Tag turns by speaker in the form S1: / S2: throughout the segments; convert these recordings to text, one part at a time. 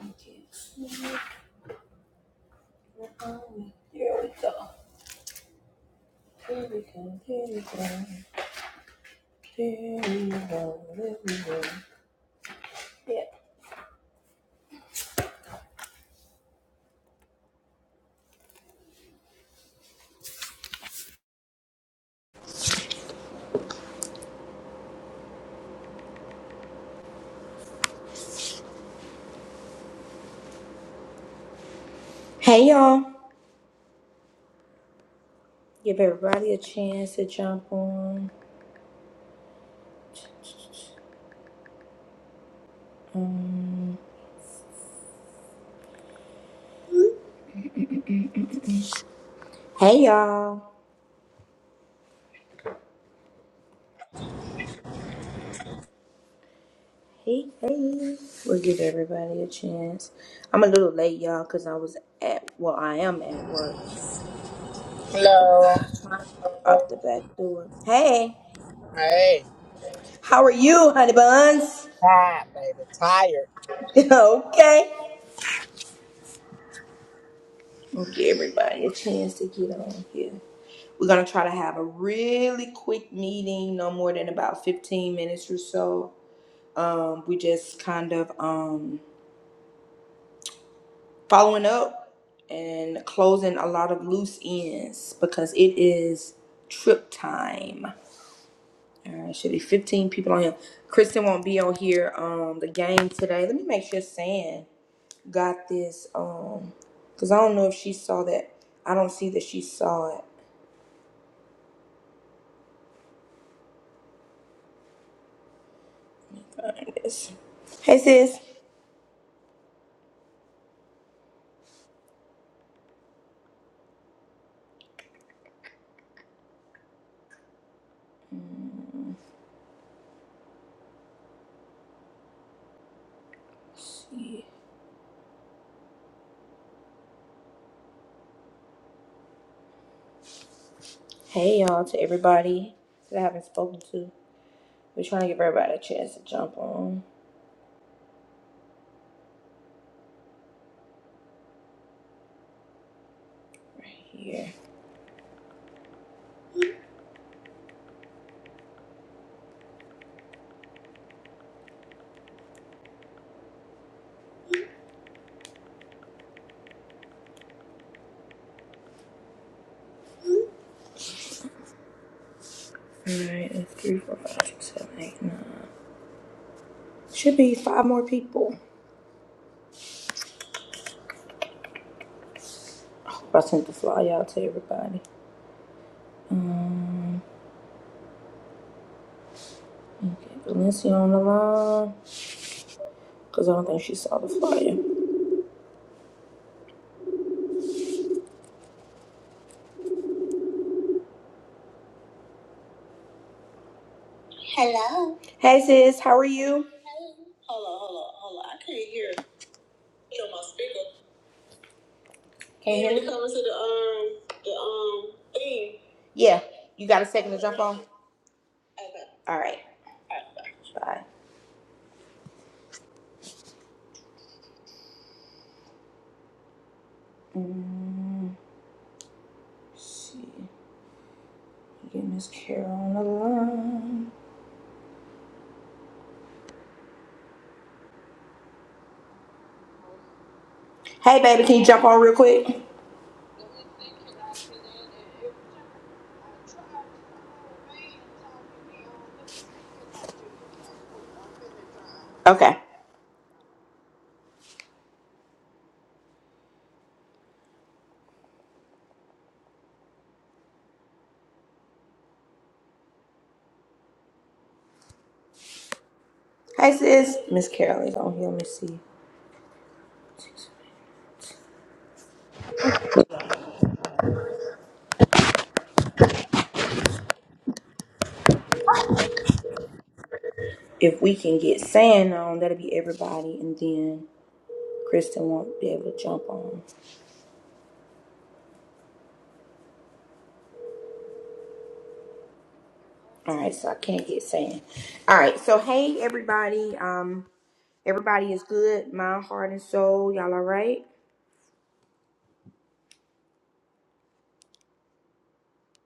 S1: Thank Here we go. Here we go. Here we go. Here we go. Here we go. Yeah. Hey y'all. Give everybody a chance to jump on. Um, hey y'all. Hey, hey. We'll give everybody a chance. I'm a little late, y'all, because I was at, well, I am at work.
S2: Hello.
S1: Up the back door. Hey,
S2: Hey.
S1: how are you, honey buns?
S2: Tired, baby. Tired.
S1: okay. We'll give everybody a chance to get on here. We're going to try to have a really quick meeting, no more than about 15 minutes or so. Um, we just kind of um, following up and closing a lot of loose ends because it is trip time. All right, should be 15 people on here. Kristen won't be on here. Um, the game today. Let me make sure San got this. Um, because I don't know if she saw that. I don't see that she saw it. It's- Hey, sis. Hey y'all to everybody that I haven't spoken to. We're trying to give everybody a chance to jump on here. Alright, that's three, four, five, six, seven, eight, nine. Should be five more people. I sent the fly out to everybody. Um, okay, Valencia on the line because I don't think she saw the flyer. Hello. Hey sis, how are you? Hey. Hold on, hold on, hold on. I can't hear. Get on my speaker. Can't hear me. Coming to the um the um thing. Yeah, you got a second to jump on. Okay. All right. Alright. Bye. Mm, let's see. Get Miss Carol on the line. Hey, baby, can you jump on real quick? Okay. Hey, sis. Miss Carol is on here. Let me see. If we can get Sand on, that'll be everybody. And then Kristen won't be able to jump on. All right, so I can't get Sand. All right, so hey, everybody. Um, Everybody is good, mind, heart, and soul. Y'all all right?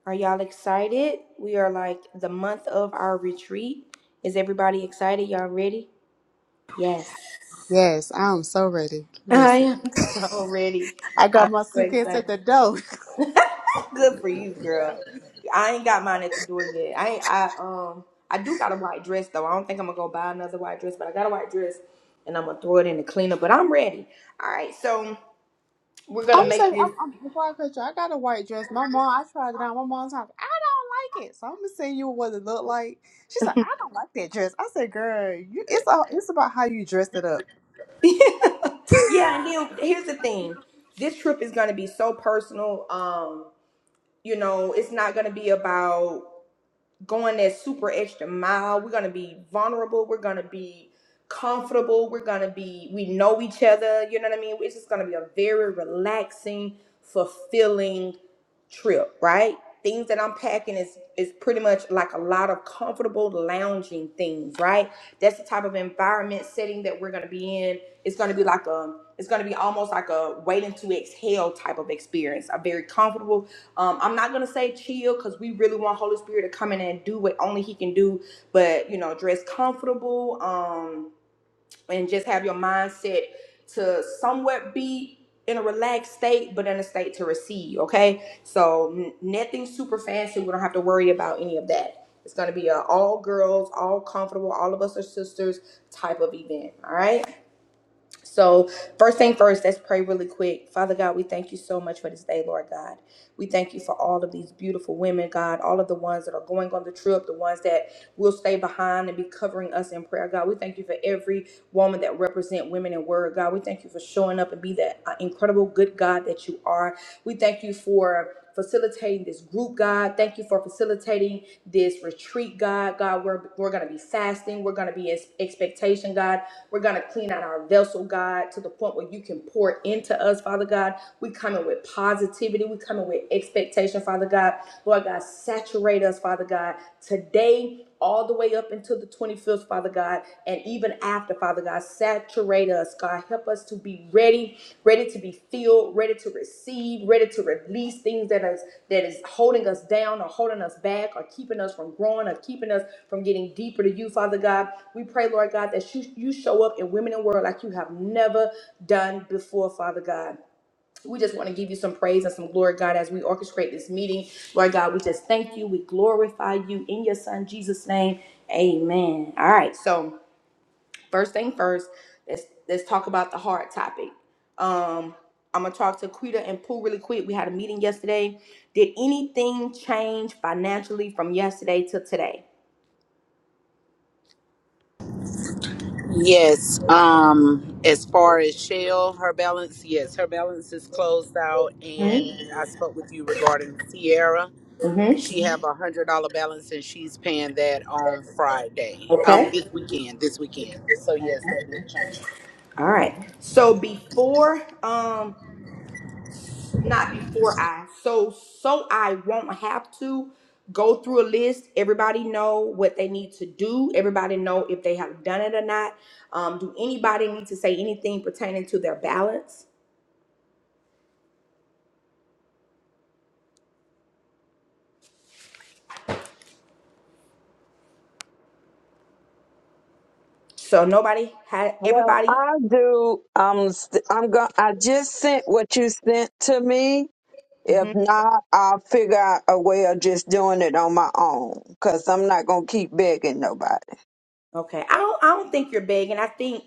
S1: Are y'all excited? We are like the month of our retreat. Is everybody excited? Y'all ready? Yes.
S3: Yes, I'm so ready.
S1: I
S3: Listen,
S1: am so ready.
S3: I
S1: I'm
S3: got my
S1: so
S3: suitcase at
S1: excited.
S3: the door.
S1: Good for you, girl. I ain't got mine at the door yet. I ain't, I um I do got a white dress though. I don't think I'm gonna go buy another white dress, but I got a white dress and I'm gonna throw it in the cleaner. But I'm ready. All right, so we're gonna
S3: I'm
S1: make
S3: saying,
S1: this.
S3: I'm, I'm, before I cut you, I got a white dress. My mom, I tried it on. My mom's like, I don't like it. So I'm gonna send you what it looked like. She said, I don't like that dress. I said, girl, you, it's all, it's about how you dressed it up.
S1: yeah, and then here's the thing. This trip is gonna be so personal. Um, you know it's not going to be about going that super extra mile we're going to be vulnerable we're going to be comfortable we're going to be we know each other you know what i mean it's just going to be a very relaxing fulfilling trip right things that i'm packing is is pretty much like a lot of comfortable lounging things right that's the type of environment setting that we're going to be in it's going to be like a it's going to be almost like a waiting to exhale type of experience a very comfortable um, I'm not gonna say chill because we really want Holy Spirit to come in and do what only He can do, but you know, dress comfortable, um, and just have your mindset to somewhat be in a relaxed state, but in a state to receive. Okay, so n- nothing super fancy. We don't have to worry about any of that. It's gonna be a all girls, all comfortable, all of us are sisters type of event. All right. So, first thing first, let's pray really quick. Father God, we thank you so much for this day, Lord God. We thank you for all of these beautiful women, God, all of the ones that are going on the trip, the ones that will stay behind and be covering us in prayer, God. We thank you for every woman that represent women in word, God. We thank you for showing up and be that uh, incredible good God that you are. We thank you for facilitating this group, God. Thank you for facilitating this retreat, God. God, we're, we're going to be fasting. We're going to be in expectation, God we're going to clean out our vessel, God, to the point where you can pour into us, Father God. We coming with positivity. We coming with expectation, Father God. Lord God, saturate us, Father God, today all the way up until the 25th, Father God, and even after, Father God, saturate us, God. Help us to be ready, ready to be filled, ready to receive, ready to release things that is that is holding us down or holding us back or keeping us from growing or keeping us from getting deeper to you, Father God. We pray, Lord God, that you, you show up in women and world like you have never done before, Father God. We just want to give you some praise and some glory, God, as we orchestrate this meeting. Lord God, we just thank you. We glorify you in your son Jesus' name. Amen. All right. So first thing first, let's let's talk about the hard topic. Um, I'm gonna talk to Quita and Pooh really quick. We had a meeting yesterday. Did anything change financially from yesterday to today?
S4: Yes. Um, as far as Shell, her balance, yes, her balance is closed out.
S1: Hmm?
S4: And I spoke with you regarding Sierra.
S1: Mm-hmm.
S4: She have a hundred dollar balance, and she's paying that on Friday. Um,
S1: Okay.
S4: this weekend. This weekend. So yes, that will change.
S1: All right. So before, um, not before I, so so I won't have to go through a list. Everybody know what they need to do. Everybody know if they have done it or not. Um, do anybody need to say anything pertaining to their balance? So nobody had
S5: Well,
S1: everybody.
S5: I do. Um, st- I'm going. I just sent what you sent to me.
S1: mm-hmm.
S5: If not, I'll figure out a way of just doing it on my own. Cause I'm not gonna keep begging nobody.
S1: Okay. I don't I don't think you're begging. I think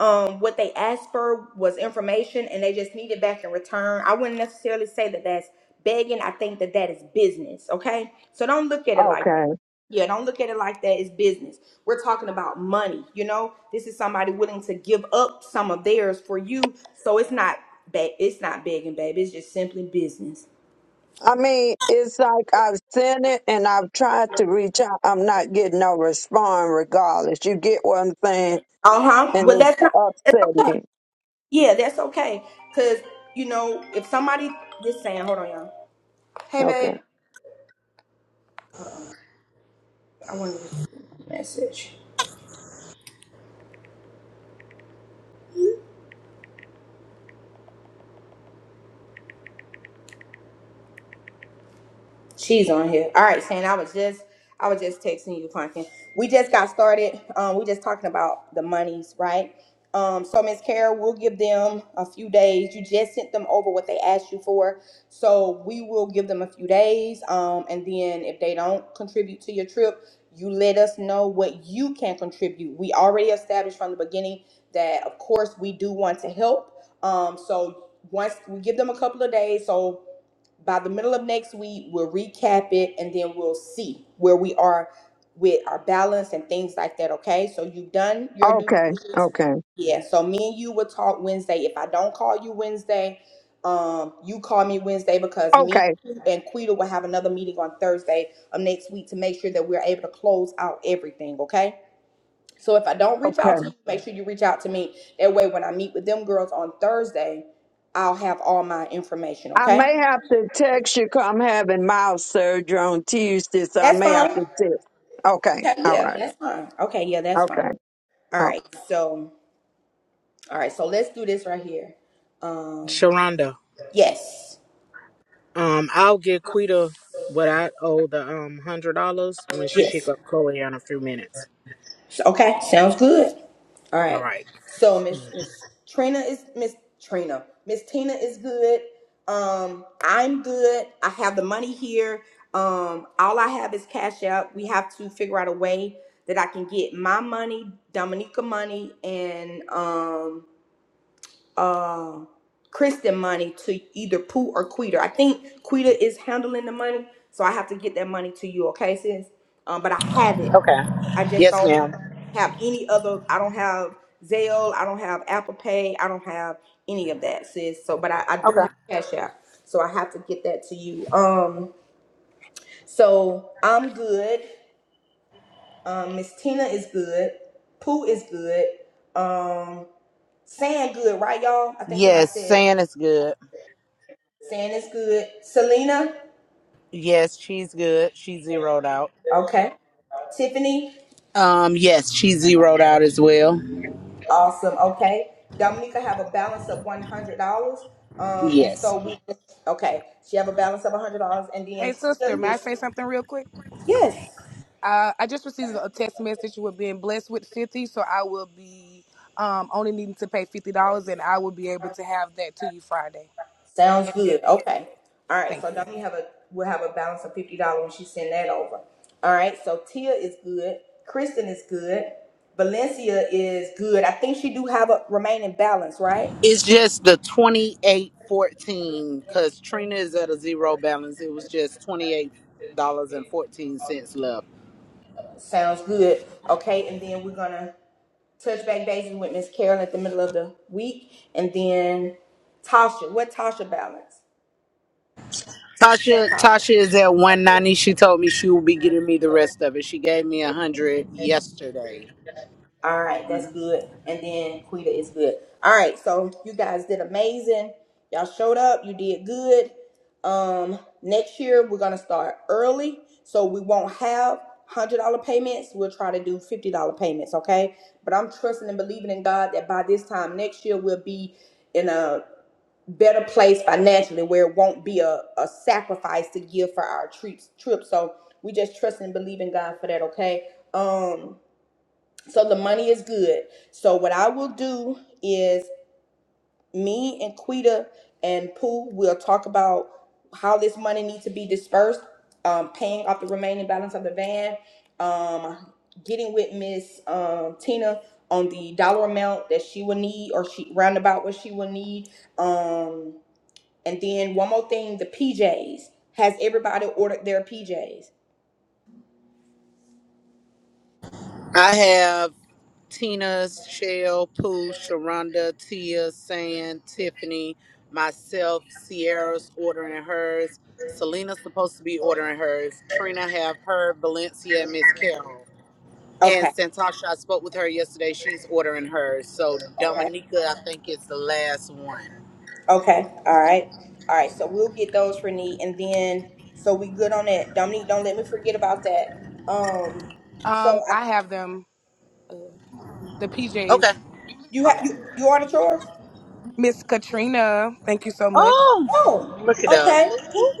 S1: um what they asked for was information and they just need it back in return. I wouldn't necessarily say that that's begging. I think that that is business, okay? So don't look at it like
S5: Okay.
S1: yeah, don't look at it like that. It's business. We're talking about money, you know? This is somebody willing to give up some of theirs for you. So it's not ba- it's not begging, baby. It's just simply business.
S5: I mean, it's like I've sent it and I've tried to reach out. I'm not getting no response regardless. You get what I'm saying,
S1: Uh-huh.
S5: and
S1: Well, that's not
S5: it's upsetting.
S1: yeah, that's okay. Cause you know, if somebody just saying, hold on, y'all. Hey
S5: Okay.
S1: babe. Uh oh. I wanted to message. She's on here. All right, Shane. I was just I was just texting you, Quentin. We just got started. Um, we just talking about the monies, right? Um, so Miss Carol, we'll give them a few days. You just sent them over what they asked you for, so we will give them a few days. Um, and then if they don't contribute to your trip, you let us know what you can contribute. We already established from the beginning that, of course, we do want to help. Um, so once we give them a couple of days, so by the middle of next week, we'll recap it and then we'll see where we are with our balance and things like that. Okay. So you've done your due
S5: Okay.
S1: diligence.
S5: Okay.
S1: Yeah. So me and you will talk Wednesday. If I don't call you Wednesday, um, you call me Wednesday because me
S5: Okay.
S1: and Quita will have another meeting on Thursday of next week to make sure that we're able to close out everything. Okay. So if I don't reach
S5: Okay.
S1: out to you, make sure you reach out to me. That way, when I meet with them girls on Thursday, I'll have all my information.
S5: I
S1: Okay.
S5: may have to text you 'cause I'm having mouth surgery on Tuesday, so I
S1: That's
S5: may have
S1: fine.
S5: to text. Okay,
S1: Okay,
S5: all
S1: yeah,
S5: right,
S1: that's fine. Okay, yeah, that's fine.
S5: okay.
S1: All
S5: All right.
S1: right, so all right, so let's do this right here. Um,
S2: Sharonda.
S1: yes,
S2: Um, I'll give Quita what I owe the um hundred dollars when she pick
S1: yes.
S2: up Chloe in a few minutes.
S1: So- Okay, sounds good. All
S2: All
S1: right.
S2: right.
S1: So Miss Miss Trina is Miss Trina. Miss Tina is good. Um, I'm good. I have the money here. Um, all I have is cash out. We have to figure out a way that I can get my money, Dominica money, and um. uh, Kristen money to either Pooh or Quita. I think Quita is handling the money, so I have to get that money to you, okay, sis? Um, but I have it. I
S4: Okay.
S1: just
S4: Yes,
S1: don't
S4: ma'am.
S1: have any other. I don't have Zelle. I don't have Apple Pay. I don't have any of that, sis. So, but I, I do have
S4: Okay.
S1: Cash App, so I have to get that to you. Um, so I'm good. Um, Miss Tina is good. Pooh is good. Um, saying good, right, y'all? I think somebody
S4: Yes,
S1: said.
S4: San is good.
S1: Saying it's good. Selena?
S4: Yes, she's good. She zeroed out.
S1: Okay. Tiffany?
S4: Um, yes, she zeroed out as well.
S1: Awesome. Okay. Dominica have a balance of one hundred dollars. Um, and
S4: Yes.
S1: so we okay. She have a balance of one hundred dollars, and then
S6: Hey,
S1: Tina
S6: sister, may I
S1: is
S6: say something real quick?
S1: yes.
S6: Uh, I just received a text message with being blessed with 50, so I will be um, only needing to pay $50, and I will be able to have that to you Friday.
S1: Sounds
S6: And then,
S1: good. Okay. All right.
S6: thank
S1: So
S6: you.
S1: Dominica have a will have a balance of fifty dollars when she send that over. All right. So Tia is good. Kristen is good. Valencia is good. I think she do have a remaining balance, right?
S4: It's just the 2814 because Trina is at a zero balance. It was just $28.14 left.
S1: Sounds good. Okay, and then we're gonna Touchback back with Miss Carol at the middle of the week, and then Tasha. What Tasha balance?
S4: Tasha
S1: Santasha.
S4: Tasha is at 190. She told me she will be getting me the rest of it. She gave me a 100 yesterday.
S1: All right, that's
S4: Mhm.
S1: good. And then Quita is good. All right, so you guys did amazing. Y'all showed up. You did good. Um, next year we're gonna start early, so we won't have hundred dollar payments. We'll try to do fifty dollar payments, okay? But I'm trusting and believing in God that by this time next year we'll be in a better place financially where it won't be a, a sacrifice to give for our trips trip. So we just trust and believe in God for that, okay? Um so the money is good. So what I will do is me and Quita and Pooh will talk about how this money needs to be dispersed, um, paying off the remaining balance of the van, um, getting with Miss um, Tina on the dollar amount that she will need or she roundabout what she will need. Um and then one more thing, the PJs. Has everybody ordered their PJs?
S4: I have Tina's, Shell, Pooh, Sharonda, Tia, San, Tiffany, myself, Sierra's ordering hers. Selena's supposed to be ordering hers. Trina have her, Valencia, and Miss Carol. And
S1: Okay,
S4: Santasha, I spoke with her yesterday. She's ordering hers. So
S1: okay,
S4: Dominica, I think is the last one.
S1: okay. All right, all right. So we'll get those for Nee, and then so we good on that. Dominique, don't let me forget about that. Um, so
S6: Um,
S1: I,
S6: I have them, the PJs.
S4: Okay.
S1: you have you
S4: Awesome.
S1: you ordered yours?
S6: Miss Katrina, thank you so much.
S4: Oh,
S1: Oh,
S4: look at her.
S1: okay,
S4: Look-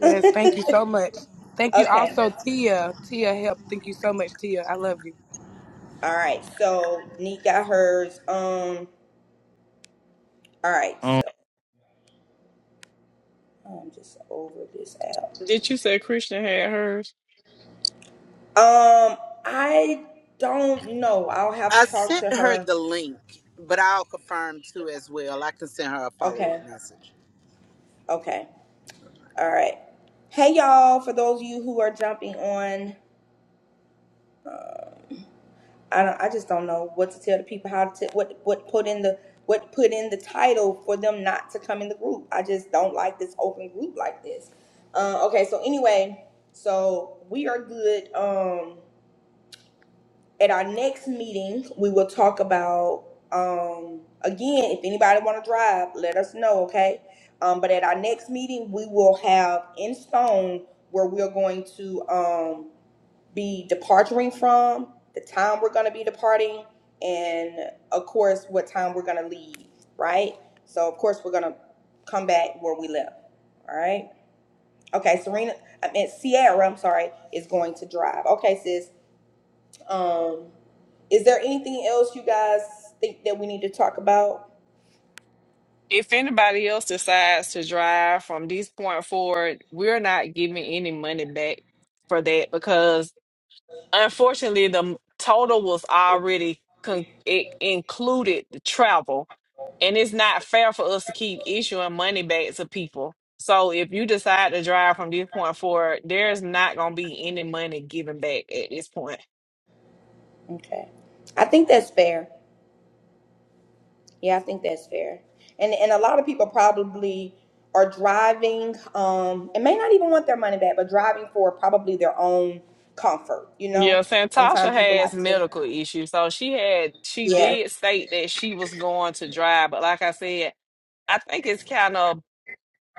S6: Yes, thank you so much. Thank you
S1: okay.
S6: also, Tia. Tia, help. Thank you so much, Tia. I love you.
S1: All right. So Nee got hers. Um, all right.
S7: Oh,
S1: So I'm just over this app.
S8: Did you say Christian had hers?
S1: Um, I don't know. I'll have
S4: I
S1: to talk to
S4: sent her
S1: her
S4: the link, but I'll confirm too as well. I can send her a follow up
S1: Okay.
S4: message.
S1: Okay. All right. Hey y'all, for those of you who are jumping on, I don't I just don't know what to tell the people how to what what put in the what put in the title for them not to come in the group. I just don't like this open group like this. Uh, okay, so anyway, so we are good. Um at our next meeting, we will talk about um again, if anybody want to drive, let us know, okay? Um, but at our next meeting, we will have in stone where we're going to um be departing from, the time we're gonna be departing, and of course, what time we're gonna leave, right? So of course, we're gonna come back where we left, all right? Okay, Serena, I meant Sierra, I'm sorry, is going to drive. Okay, sis, um, is there anything else you guys think that we need to talk about?
S8: If anybody else decides to drive from this point forward, we're not giving any money back for that because unfortunately the total was already con- it included the travel and it's not fair for us to keep issuing money back to people. So if you decide to drive from this point forward, there's not going to be any money given back at this point.
S1: Okay. I think that's fair. Yeah, I think that's fair. And and a lot of people probably are driving um and may not even want their money back, but driving for probably their own comfort, you know?
S8: Yeah, Santasha
S1: Sometimes people
S8: has
S1: like to
S8: medical issues. So she had she
S1: Yeah.
S8: did state that she was going to drive, but like I said, I think it's kind of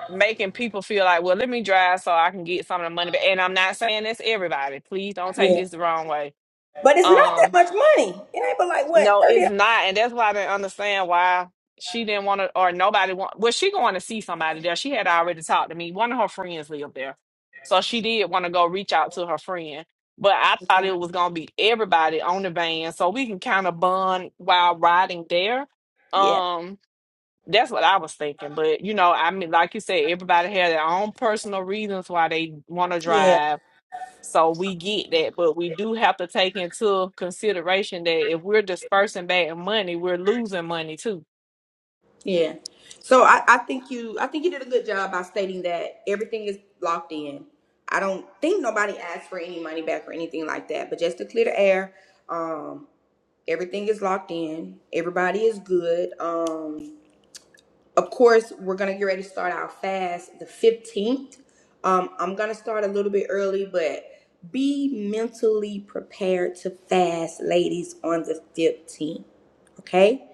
S8: making people feel like, well, let me drive so I can get some of the money back. And I'm not saying that's everybody. Please don't take
S1: Yeah.
S8: this the wrong way.
S1: But it's not that
S8: Um,
S1: much money. It ain't but like what,
S8: no,
S1: thirty
S8: it's not, and that's why I didn't understand why she didn't want to, or nobody want. Was she going to see somebody there? She had already talked to me. One of her friends lived there, so she did want to go reach out to her friend. But I thought it
S1: dollars?
S8: was gonna be everybody on the van, so we can kind of bond while riding there.
S1: Yeah.
S8: Um, that's what I was thinking. But you know, I mean, like you said, everybody had their own personal reasons why they want to
S1: Yeah.
S8: drive so we get that, but we do have to take into consideration that if we're dispersing bad money, we're losing money too.
S1: Yeah. So I, I think you I think you did a good job by stating that everything is locked in. I don't think nobody asked for any money back or anything like that. But just to clear the air, um, everything is locked in. Everybody is good. Um, of course, we're gonna get ready to start our fast the 15th. Um, I'm gonna start a little bit early, but be mentally prepared to fast, ladies, on the 15th. Okay?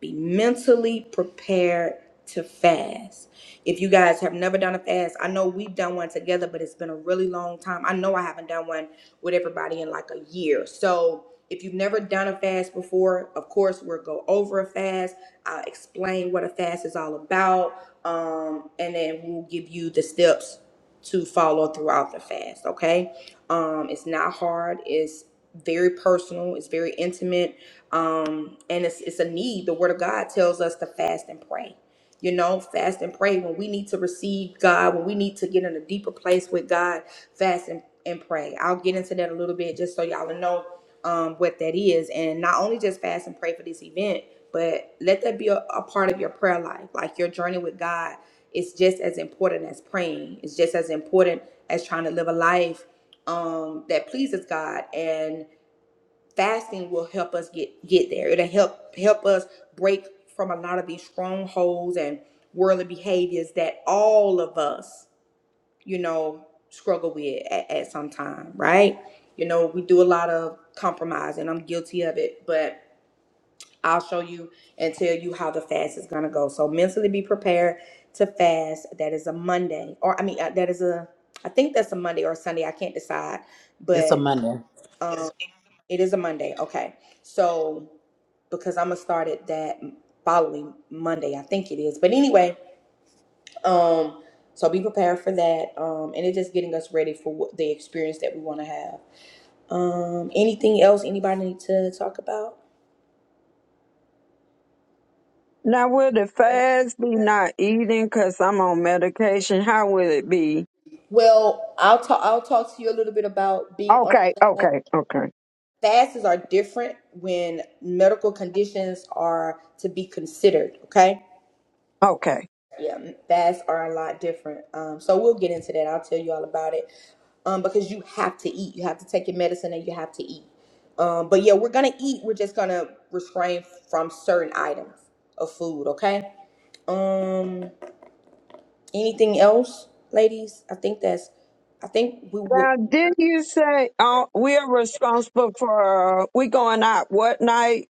S1: Be mentally prepared to fast. If you guys have never done a fast, I know we've done one together, but it's been a really long time. I know I haven't done one with everybody in like a year. So if you've never done a fast before, of course, we'll go over a fast I'll explain what a fast is all about, um, and then we'll give you the steps to follow throughout the fast. Okay, um, it's not hard. It's very personal. It's very intimate, um, and it's it's a need. The Word of God tells us to fast and pray. You know, fast and pray when we need to receive God, when we need to get in a deeper place with God. Fast and, and pray. I'll get into that a little bit just so y'all know um, what that is, and not only just fast and pray for this event but let that be a, a part of your prayer life. Like your journey with God is just as important as praying. It's just as important as trying to live a life um, that pleases God. And fasting will help us get get there. It'll help help us break from a lot of these strongholds and worldly behaviors that all of us, you know, struggle with at, at some time, right? You know, we do a lot of compromise, and I'm guilty of it, but I'll show you and tell you how the fast is going to go. So mentally be prepared to fast. That is a Monday, or I mean, uh, that is a, I think that's a Monday or a Sunday. I can't decide,
S4: It's a
S1: but
S4: Monday.
S1: um, it is a Monday. Okay. So because I'm gonna start it that following Monday, I think it is. But anyway, um, so be prepared for that, um, and it's just getting us ready for what the experience that we want to have. Um, anything else anybody need to talk about?
S5: Now, will the fast be not eating 'cause I'm on medication? How will it be?
S1: Well, I'll talk. I'll talk to you a little bit about being on
S5: Okay, okay, okay,
S1: fasts are different when medical conditions are to be considered. Okay.
S5: okay.
S1: Yeah, fasts are a lot different. Um, so we'll get into that. I'll tell you all about it. Um, because you have to eat. You have to take your medicine and you have to eat. Um, but yeah, we're gonna eat. We're just gonna restrain from certain items of food. Okay. Um, anything else, ladies? I think that's. I think we will.
S5: Now, did you say uh, we're responsible for, uh, we going out what night?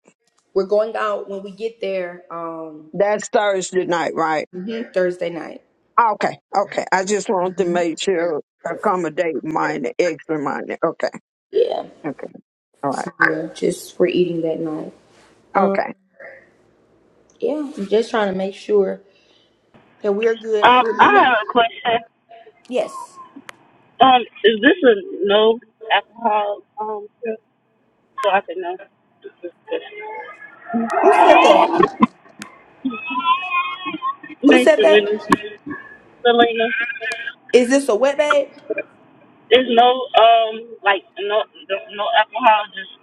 S1: We're going out when we get there um
S5: That's Thursday night, right?
S1: mhm, Thursday night.
S5: Okay, okay. I just want to make sure accommodate mine, extra money. Okay,
S1: Yeah.
S5: okay, all right.
S1: So yeah, just we're eating that night. Um
S5: Okay.
S1: yeah, I'm just trying to make sure that we're good.
S9: Um, I
S1: Remember?
S9: have a question.
S1: Yes.
S9: Um, is this a no alcohol um trip? So I can know. Thanks,
S1: Who said that? Who said
S9: Selena.
S1: that?
S9: Selena,
S1: Is this a wet babe?
S9: there's no um like no no no alcohol, just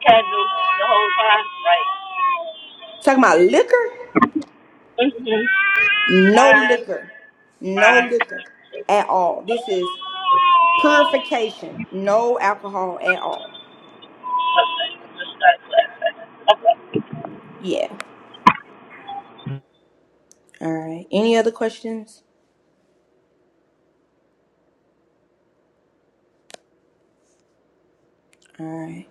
S9: casual the whole time,
S1: Talking about liquor?
S9: like hmm
S1: No
S9: wine,
S1: liquor. No
S9: wine,
S1: liquor at all. This is purification. No alcohol at all.
S9: okay, just that.
S1: Yeah. All right. Any other questions? All right.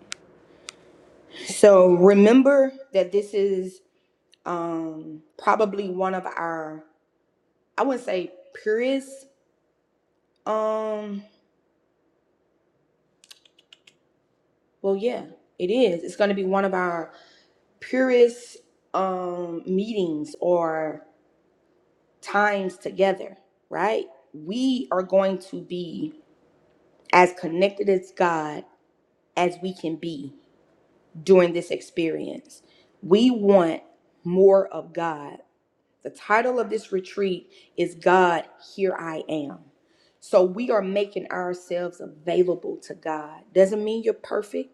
S1: So remember that this is um probably one of our i wouldn't say purest um well yeah it is it's going to be one of our purest um meetings or times together right we are going to be as connected as god as we can be during this experience we want more of god The title of this retreat is God, Here I Am. So we are making ourselves available to God. Doesn't mean you're perfect,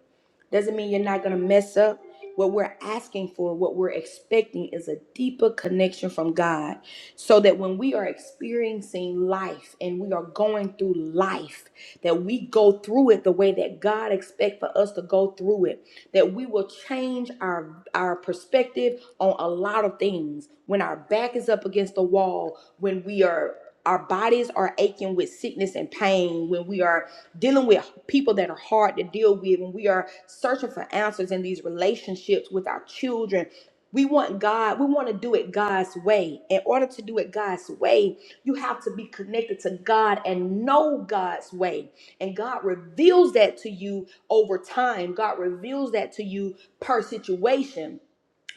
S1: doesn't mean you're not going to mess up. What we're asking for, what we're expecting is a deeper connection from God so that when we are experiencing life and we are going through life, that we go through it the way that God expects for us to go through it, that we will change our, our perspective on a lot of things. When our back is up against the wall, when we are our bodies are aching with sickness and pain, when we are dealing with people that are hard to deal with, when we are searching for answers in these relationships with our children, we want God, we want to do it God's way. In order to do it God's way, you have to be connected to God and know God's way. And God reveals that to you over time. God reveals that to you per situation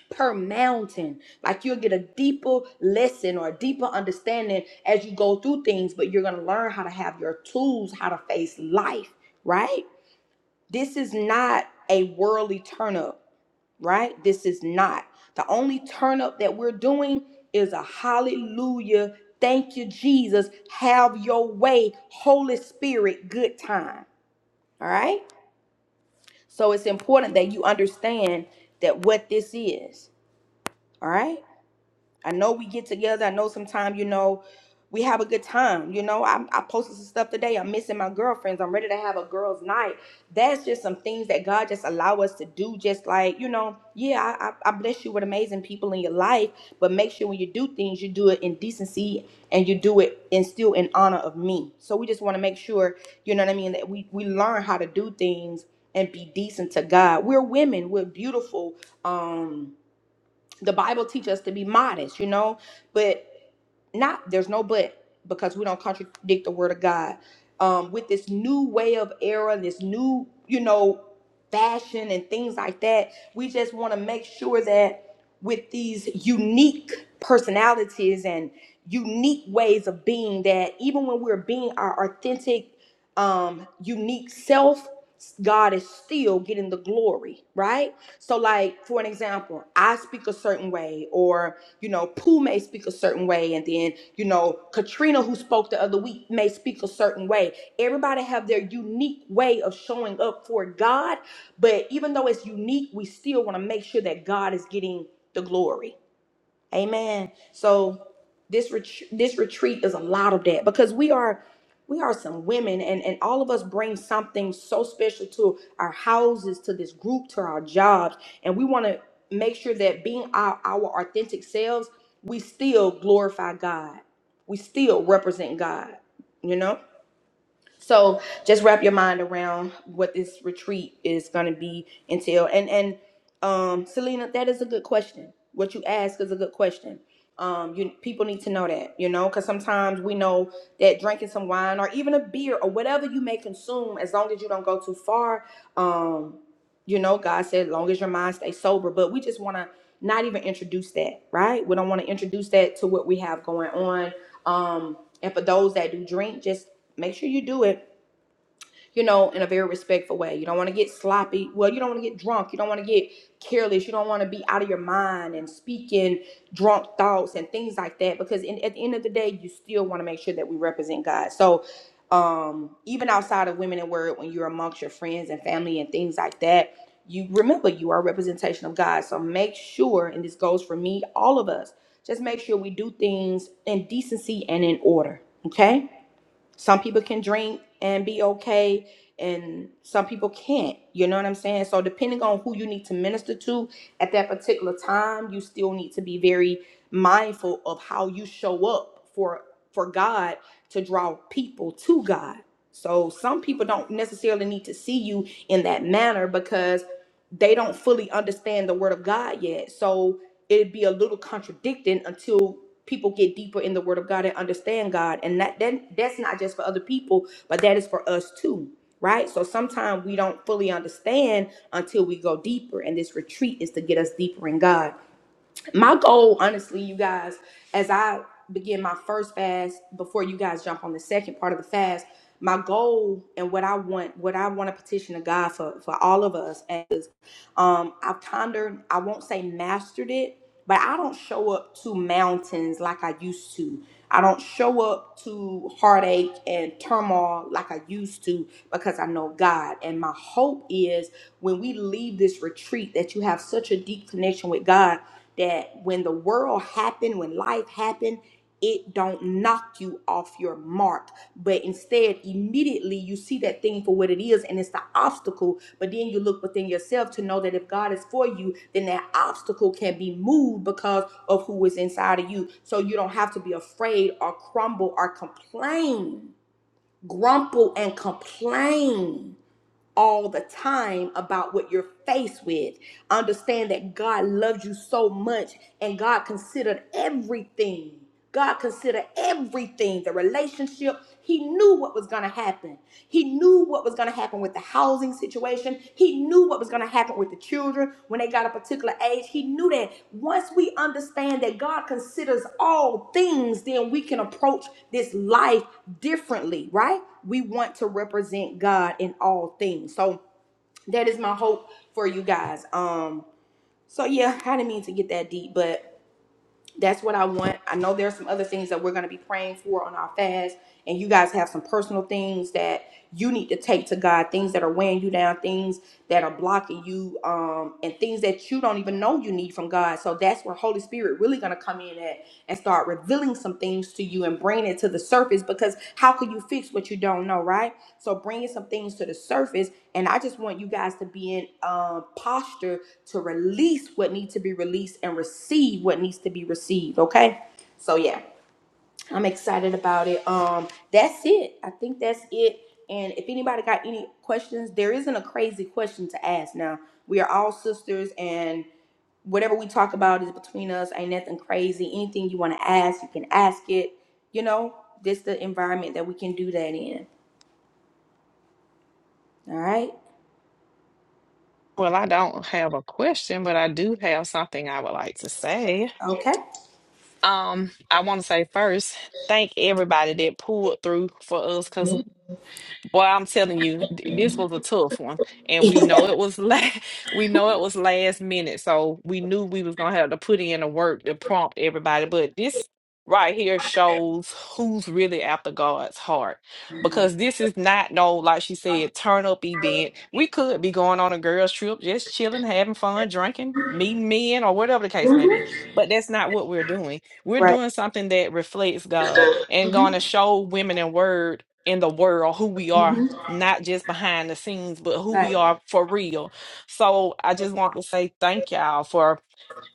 S1: per mountain. Like you'll get a deeper lesson or a deeper understanding as you go through things, but you're going to learn how to have your tools, how to face life, right? This is not a worldly turn up, right? This is not. The only turn up that we're doing is a hallelujah, thank you, Jesus, have your way, Holy Spirit, good time, all right? So it's important that you understand that what this is, all right? I know we get together. I know sometimes, you know, we have a good time. You know, I, I posted some stuff today. I'm missing my girlfriends. I'm ready to have a girls' night. That's just some things that God just allow us to do. Just like, you know, yeah, I, I I bless you with amazing people in your life, but make sure when you do things, you do it in decency and you do it in still in honor of me. So we just want to make sure, you know what I mean, that we, we learn how to do things and be decent to God. We're women. We're beautiful. Um, the Bible teaches us to be modest, you know, but not there's no but because we don't contradict the word of God. Um, with this new way of era and this new, you know, fashion and things like that, we just want to make sure that with these unique personalities and unique ways of being, that even when we're being our authentic, um, unique self, God is still getting the glory, right? So, like for an example, I speak a certain way, or you know, Pooh may speak a certain way, and then, you know, Katrina, who spoke the other week, may speak a certain way. Everybody have their unique way of showing up for God, but even though it's unique, we still want to make sure that God is getting the glory. Amen. So this ret- this retreat is a lot of that because we are we are some women and and all of us bring something so special to our houses, to this group, to our jobs, and we want to make sure that being our, our authentic selves, we still glorify God. We still represent God, you know? So just wrap your mind around what this retreat is going to be entail. And and um, Selena, that is a good question. What you ask is a good question. Um, you people need to know that, you know, because sometimes we know that drinking some wine or even a beer or whatever you may consume, as long as you don't go too far, um, you know, God said, as long as your mind stays sober. But we just want to not even introduce that, right? We don't want to introduce that to what we have going on. Um, and for those that do drink, just make sure you do it, you know, in a very respectful way. You don't want to get sloppy. Well, you don't want to get drunk. You don't want to get careless. You don't want to be out of your mind and speaking drunk thoughts and things like that. Because in, at the end of the day, you still want to make sure that we represent God. So, um, even outside of women in word, when you're amongst your friends and family and things like that, you remember you are a representation of God. So make sure, and this goes for me, all of us, just make sure we do things in decency and in order. Okay some people can drink and be okay and some people can't you know what i'm saying so depending on who you need to minister to at that particular time you still need to be very mindful of how you show up for for god to draw people to god so some people don't necessarily need to see you in that manner because they don't fully understand the word of god yet so it'd be a little contradicting until people get deeper in the word of God and understand God. And that then that's not just for other people, but that is for us too. Right? So sometimes we don't fully understand until we go deeper. And this retreat is to get us deeper in God my goal honestly you guys as i begin my first fast before you guys jump on the second part of the fast my goal and what i want what i want to petition to god for for all of us is um i've pondered i won't say mastered it but i don't show up to mountains like i used to i don't show up to heartache and turmoil like i used to because i know god and my hope is when we leave this retreat that you have such a deep connection with god that when the world happened, when life happened, it don't knock you off your mark, but instead immediately you see that thing for what it is and it's the obstacle, but then you look within yourself to know that if God is for you, then that obstacle can be moved because of who is inside of you. So you don't have to be afraid or crumble or complain, grumble and complain all the time about what you're faced with. Understand that God loves you so much and God considered everything. God considered everything the relationship. He knew what was going to happen. He knew what was going to happen with the houses situation. He knew what was going to happen with the children when they got a particular age. He knew that once we understand that God considers all things, then we can approach this life differently, right? We want to represent God in all things. So that is my hope for you guys. Um so yeah, I didn't mean to get that deep, but that's what I want. I know there are some other things that we're going to be praying for on our fast, and you guys have some personal things that you need to take to God, things that are weighing you down, things that are blocking you, um, and things that you don't even know you need from God. So that's where Holy Spirit really going to come in at and start revealing some things to you and bringing it to the surface. Because how could you fix what you don't know, right? So bringing some things to the surface, and I just want you guys to be in um, posture to release what needs to be released and receive what needs to be received. Okay. So yeah, I'm excited about it. Um, that's it. I think that's it. And if anybody got any questions, there isn't a crazy question to ask now. We are all sisters and whatever we talk about is between us. Ain't nothing crazy. Anything you want to ask, you can ask it. You know, this the environment that we can do that in. All right.
S8: Well, I don't have a question, but I do have something I would like to say.
S1: Okay.
S8: Um, I want to say first, thank everybody that pulled through for us because Boy, I'm telling you, th- this was a tough one, and we know it was la- we know it was last minute, so we knew we was gonna have to put in the work to prompt everybody. But this right here shows who's really after God's heart, because this is not no like she said turn up event. We could be going on a girls trip, just chilling, having fun, drinking, meeting men, or whatever the case may be. But that's not what we're doing. We're
S1: right.
S8: doing something that reflects God and going to show women in word in the world who we are
S1: Mhm.
S8: not just behind the scenes but who we
S1: Right.
S8: are for real so i just want to say thank y'all for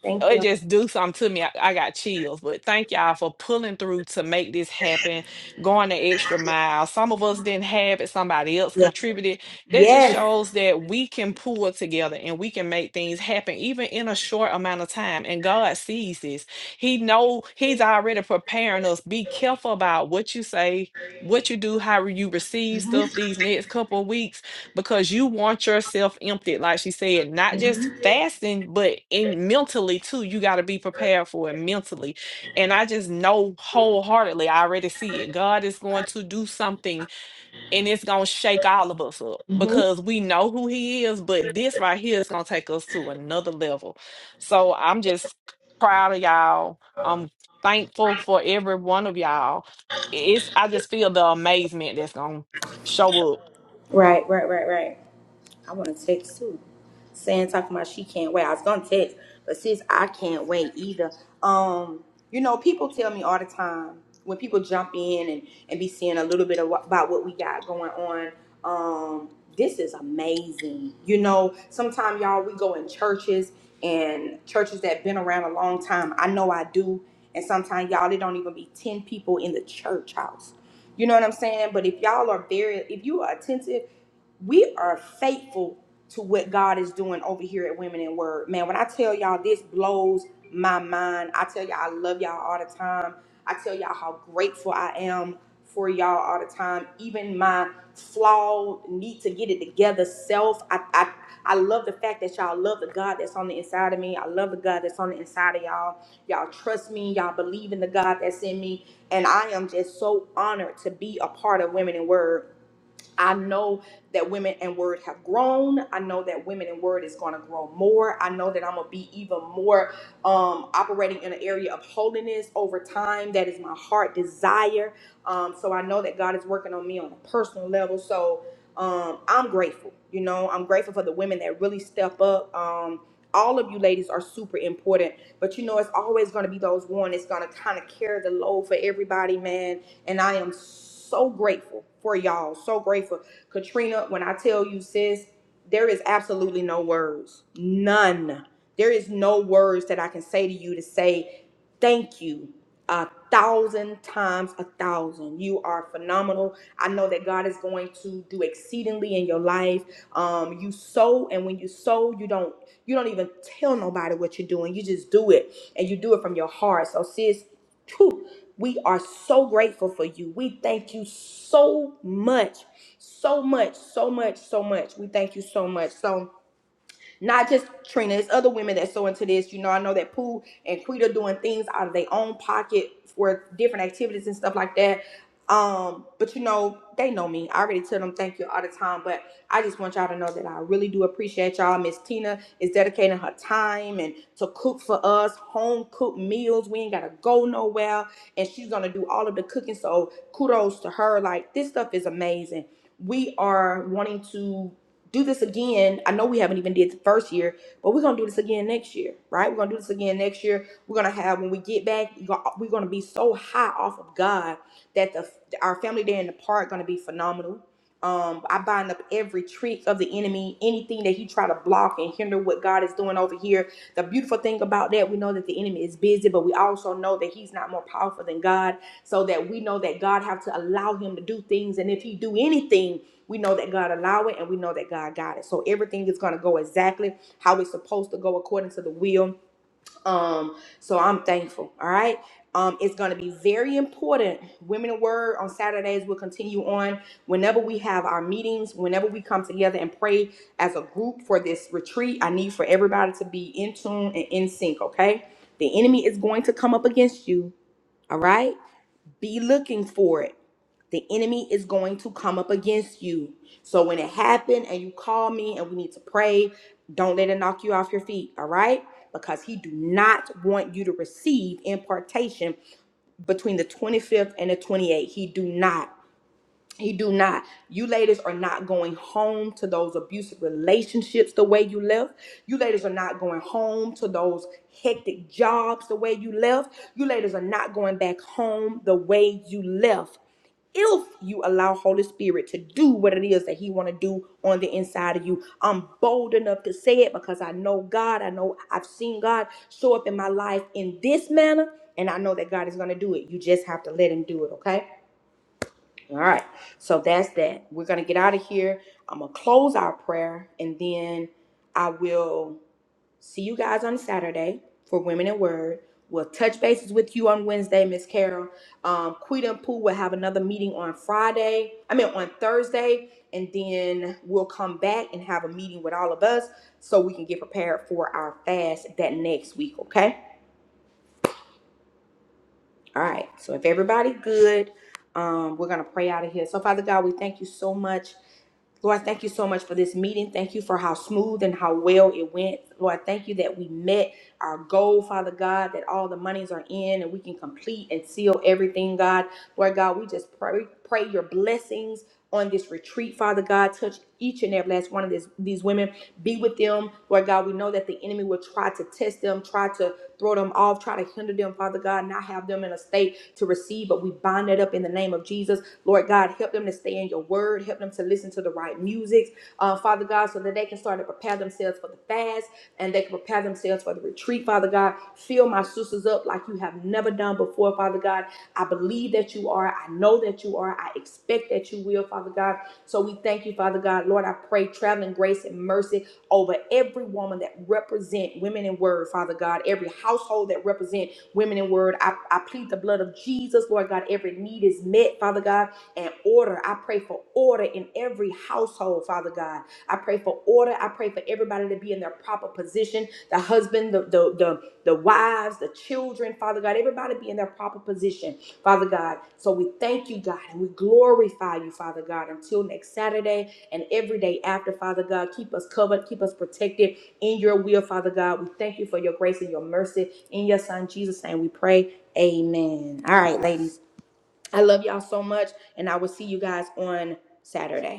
S1: Thank
S8: it
S1: you.
S8: just do something to me. I, I got chills. But thank y'all for pulling through to make this happen, going the extra mile. Some of us didn't have it, somebody else contributed. That just
S1: Yes.
S8: shows that we can pull together and we can make things happen, even in a short amount of time. And God sees this. He know He's already preparing us. Be careful about what you say, what you do, how you receive
S1: Mhm.
S8: stuff these next couple of weeks because you want yourself emptied, like she said, not
S1: Mhm.
S8: just fasting, but in mentally too. You got to be prepared for it mentally. And I just know wholeheartedly, I already see it. God is going to do something and it's going to shake all of us up
S1: hmm
S8: because we know who He is, but this right here is going to take us to another level. So I'm just proud of y'all. I'm thankful for every one of y'all. It's I just feel the amazement that's going to show up
S1: Right, right, right, right. I want to text too. Saying talking about she can't wait. I was gonna text, but sis, I can't wait either. Um, you know, people tell me all the time when people jump in and and be seeing a little bit of what, about what we got going on. Um, this is amazing. You know, sometimes y'all we go in churches and churches that been around a long time. I know I do, and sometimes y'all it don't even be ten people in the church house. You know what I'm saying? But if y'all are very, if you are attentive we are faithful to what God is doing over here at Women in Word. Man, when I tell y'all this blows my mind. I tell y'all I love y'all all the time. I tell y'all how grateful I am for y'all all the time. Even my flawed need to get it together self. I I I love the fact that y'all love the God that's on the inside of me. I love the God that's on the inside of y'all. Y'all trust me. Y'all believe in the God that's in me. And I am just so honored to be a part of Women in Word I know that Women and Word have grown. I know that Women and Word is going to grow more. I know that I'm going to be even more um, operating in an area of holiness over time. That is my heart desire. Um, so I know that God is working on me on a personal level. So um, I'm grateful. You know, I'm grateful for the women that really step up. Um, all of you ladies are super important, but you know, it's always going to be those one that's going to kind of carry the load for everybody, man and I am so grateful for y'all. So grateful. Katrina, when I tell you, sis, there is absolutely no words. None. There is no words that I can say to you to say thank you a thousand times a thousand. You are phenomenal. I know that God is going to do exceedingly in your life. Um, you sow, and when you sow, you don't you don't even tell nobody what you're doing. You just do it, and you do it from your heart. So, sis, we are so grateful for you. We thank you so much, so much, so much, so much. We thank you so much. So, not just Trina, it's other women that sew into this. You know, I know that Pooh and Quita doing things out of their own pocket for different activities and stuff like that. Um, but you know, they know me. I already tell them thank you all the time. But I just want y'all to know that I really do appreciate y'all. Miss Tina is dedicating her time and to cook for us, home cooked meals. We ain't gotta go nowhere. And she's gonna do all of the cooking. So kudos to her. Like this stuff is amazing. We are wanting to do this again. I know we haven't even did the first year, but we're gonna do this again next year, right? We're gonna do this again next year. We're gonna have when we get back, we're gonna we're gonna be so high off of God that the our family day in the park gonna be phenomenal. Um, I bind up every trick of the enemy, anything that he try to block and hinder what God is doing over here. The beautiful thing about that, we know that the enemy is busy, but we also know that he's not more powerful than God. So that we know that God have to allow him to do things, and if he do anything, we know that God allowed it and we know that God got it. So everything is gonna go exactly how it's supposed to go according to the will. Um, so I'm thankful. All right. Um, it's gonna be very important. Women in Word on Saturdays will continue on whenever we have our meetings, whenever we come together and pray as a group for this retreat. I need for everybody to be in tune and in sync, okay? The enemy is going to come up against you, all right? Be looking for it the enemy is going to come up against you. So when it happened and you call me and we need to pray, don't let it knock you off your feet, all right? Because he do not want you to receive impartation between the 25th and the 28th. He do not. He do not. You ladies are not going home to those abusive relationships the way you left. You ladies are not going home to those hectic jobs the way you left. You ladies are not going back home the way you left if you allow Holy Spirit to do what it is that He want to do on the inside of you. I'm bold enough to say it because I know God. I know I've seen God show up in my life in this manner, and I know that God is going to do it. You just have to let Him do it, okay? All right. So that's that. We're going to get out of here. I'm going to close our prayer, and then I will. See you guys on Saturday for Women in Word. We'll touch bases with you on Wednesday, Miss Carol. Um, Quita and Pooh will have another meeting on Friday. I mean on Thursday, and then we'll come back and have a meeting with all of us so we can get prepared for our fast that next week. Okay. All right. So if everybody good, um, we're gonna pray out of here. So Father God, we thank you so much Lord, thank you so much for this meeting. Thank you for how smooth and how well it went. Lord, thank you that we met our goal, Father God, that all the monies are in and we can complete and seal everything, God. Lord God, we just pray, pray your blessings on this retreat, Father God. Touch each and every last one of this, these women. Be with them, Lord God. We know that the enemy will try to test them, try to throw them off, try to hinder them, Father God, not have them in a state to receive, but we bind it up in the name of Jesus. Lord God, help them to stay in your word. Help them to listen to the right music, uh, Father God, so that they can start to prepare themselves for the fast and they can prepare themselves for the retreat, Father God. Fill my sisters up like you have never done before, Father God. I believe that you are. I know that you are. I expect that you will, Father God. So we thank you, Father God. Lord, I pray traveling grace and mercy over every woman that represent women in word, Father God. Every household that represent women in word. I, I plead the blood of Jesus, Lord God. Every need is met, Father God and order. I pray for order in every household, Father God. I pray for order. I pray for everybody to be in their proper position. The husband, the the the, the wives, the children, Father God, everybody be in their proper position, Father God. So we thank you, God, and we glorify you, Father God, until next Saturday and every day after, Father God. Keep us covered, keep us protected in your will, Father God. We thank you for your grace and your mercy. In your son Jesus' name we pray. Amen. All right, ladies. I love y'all so much, and I will see you guys on Saturday.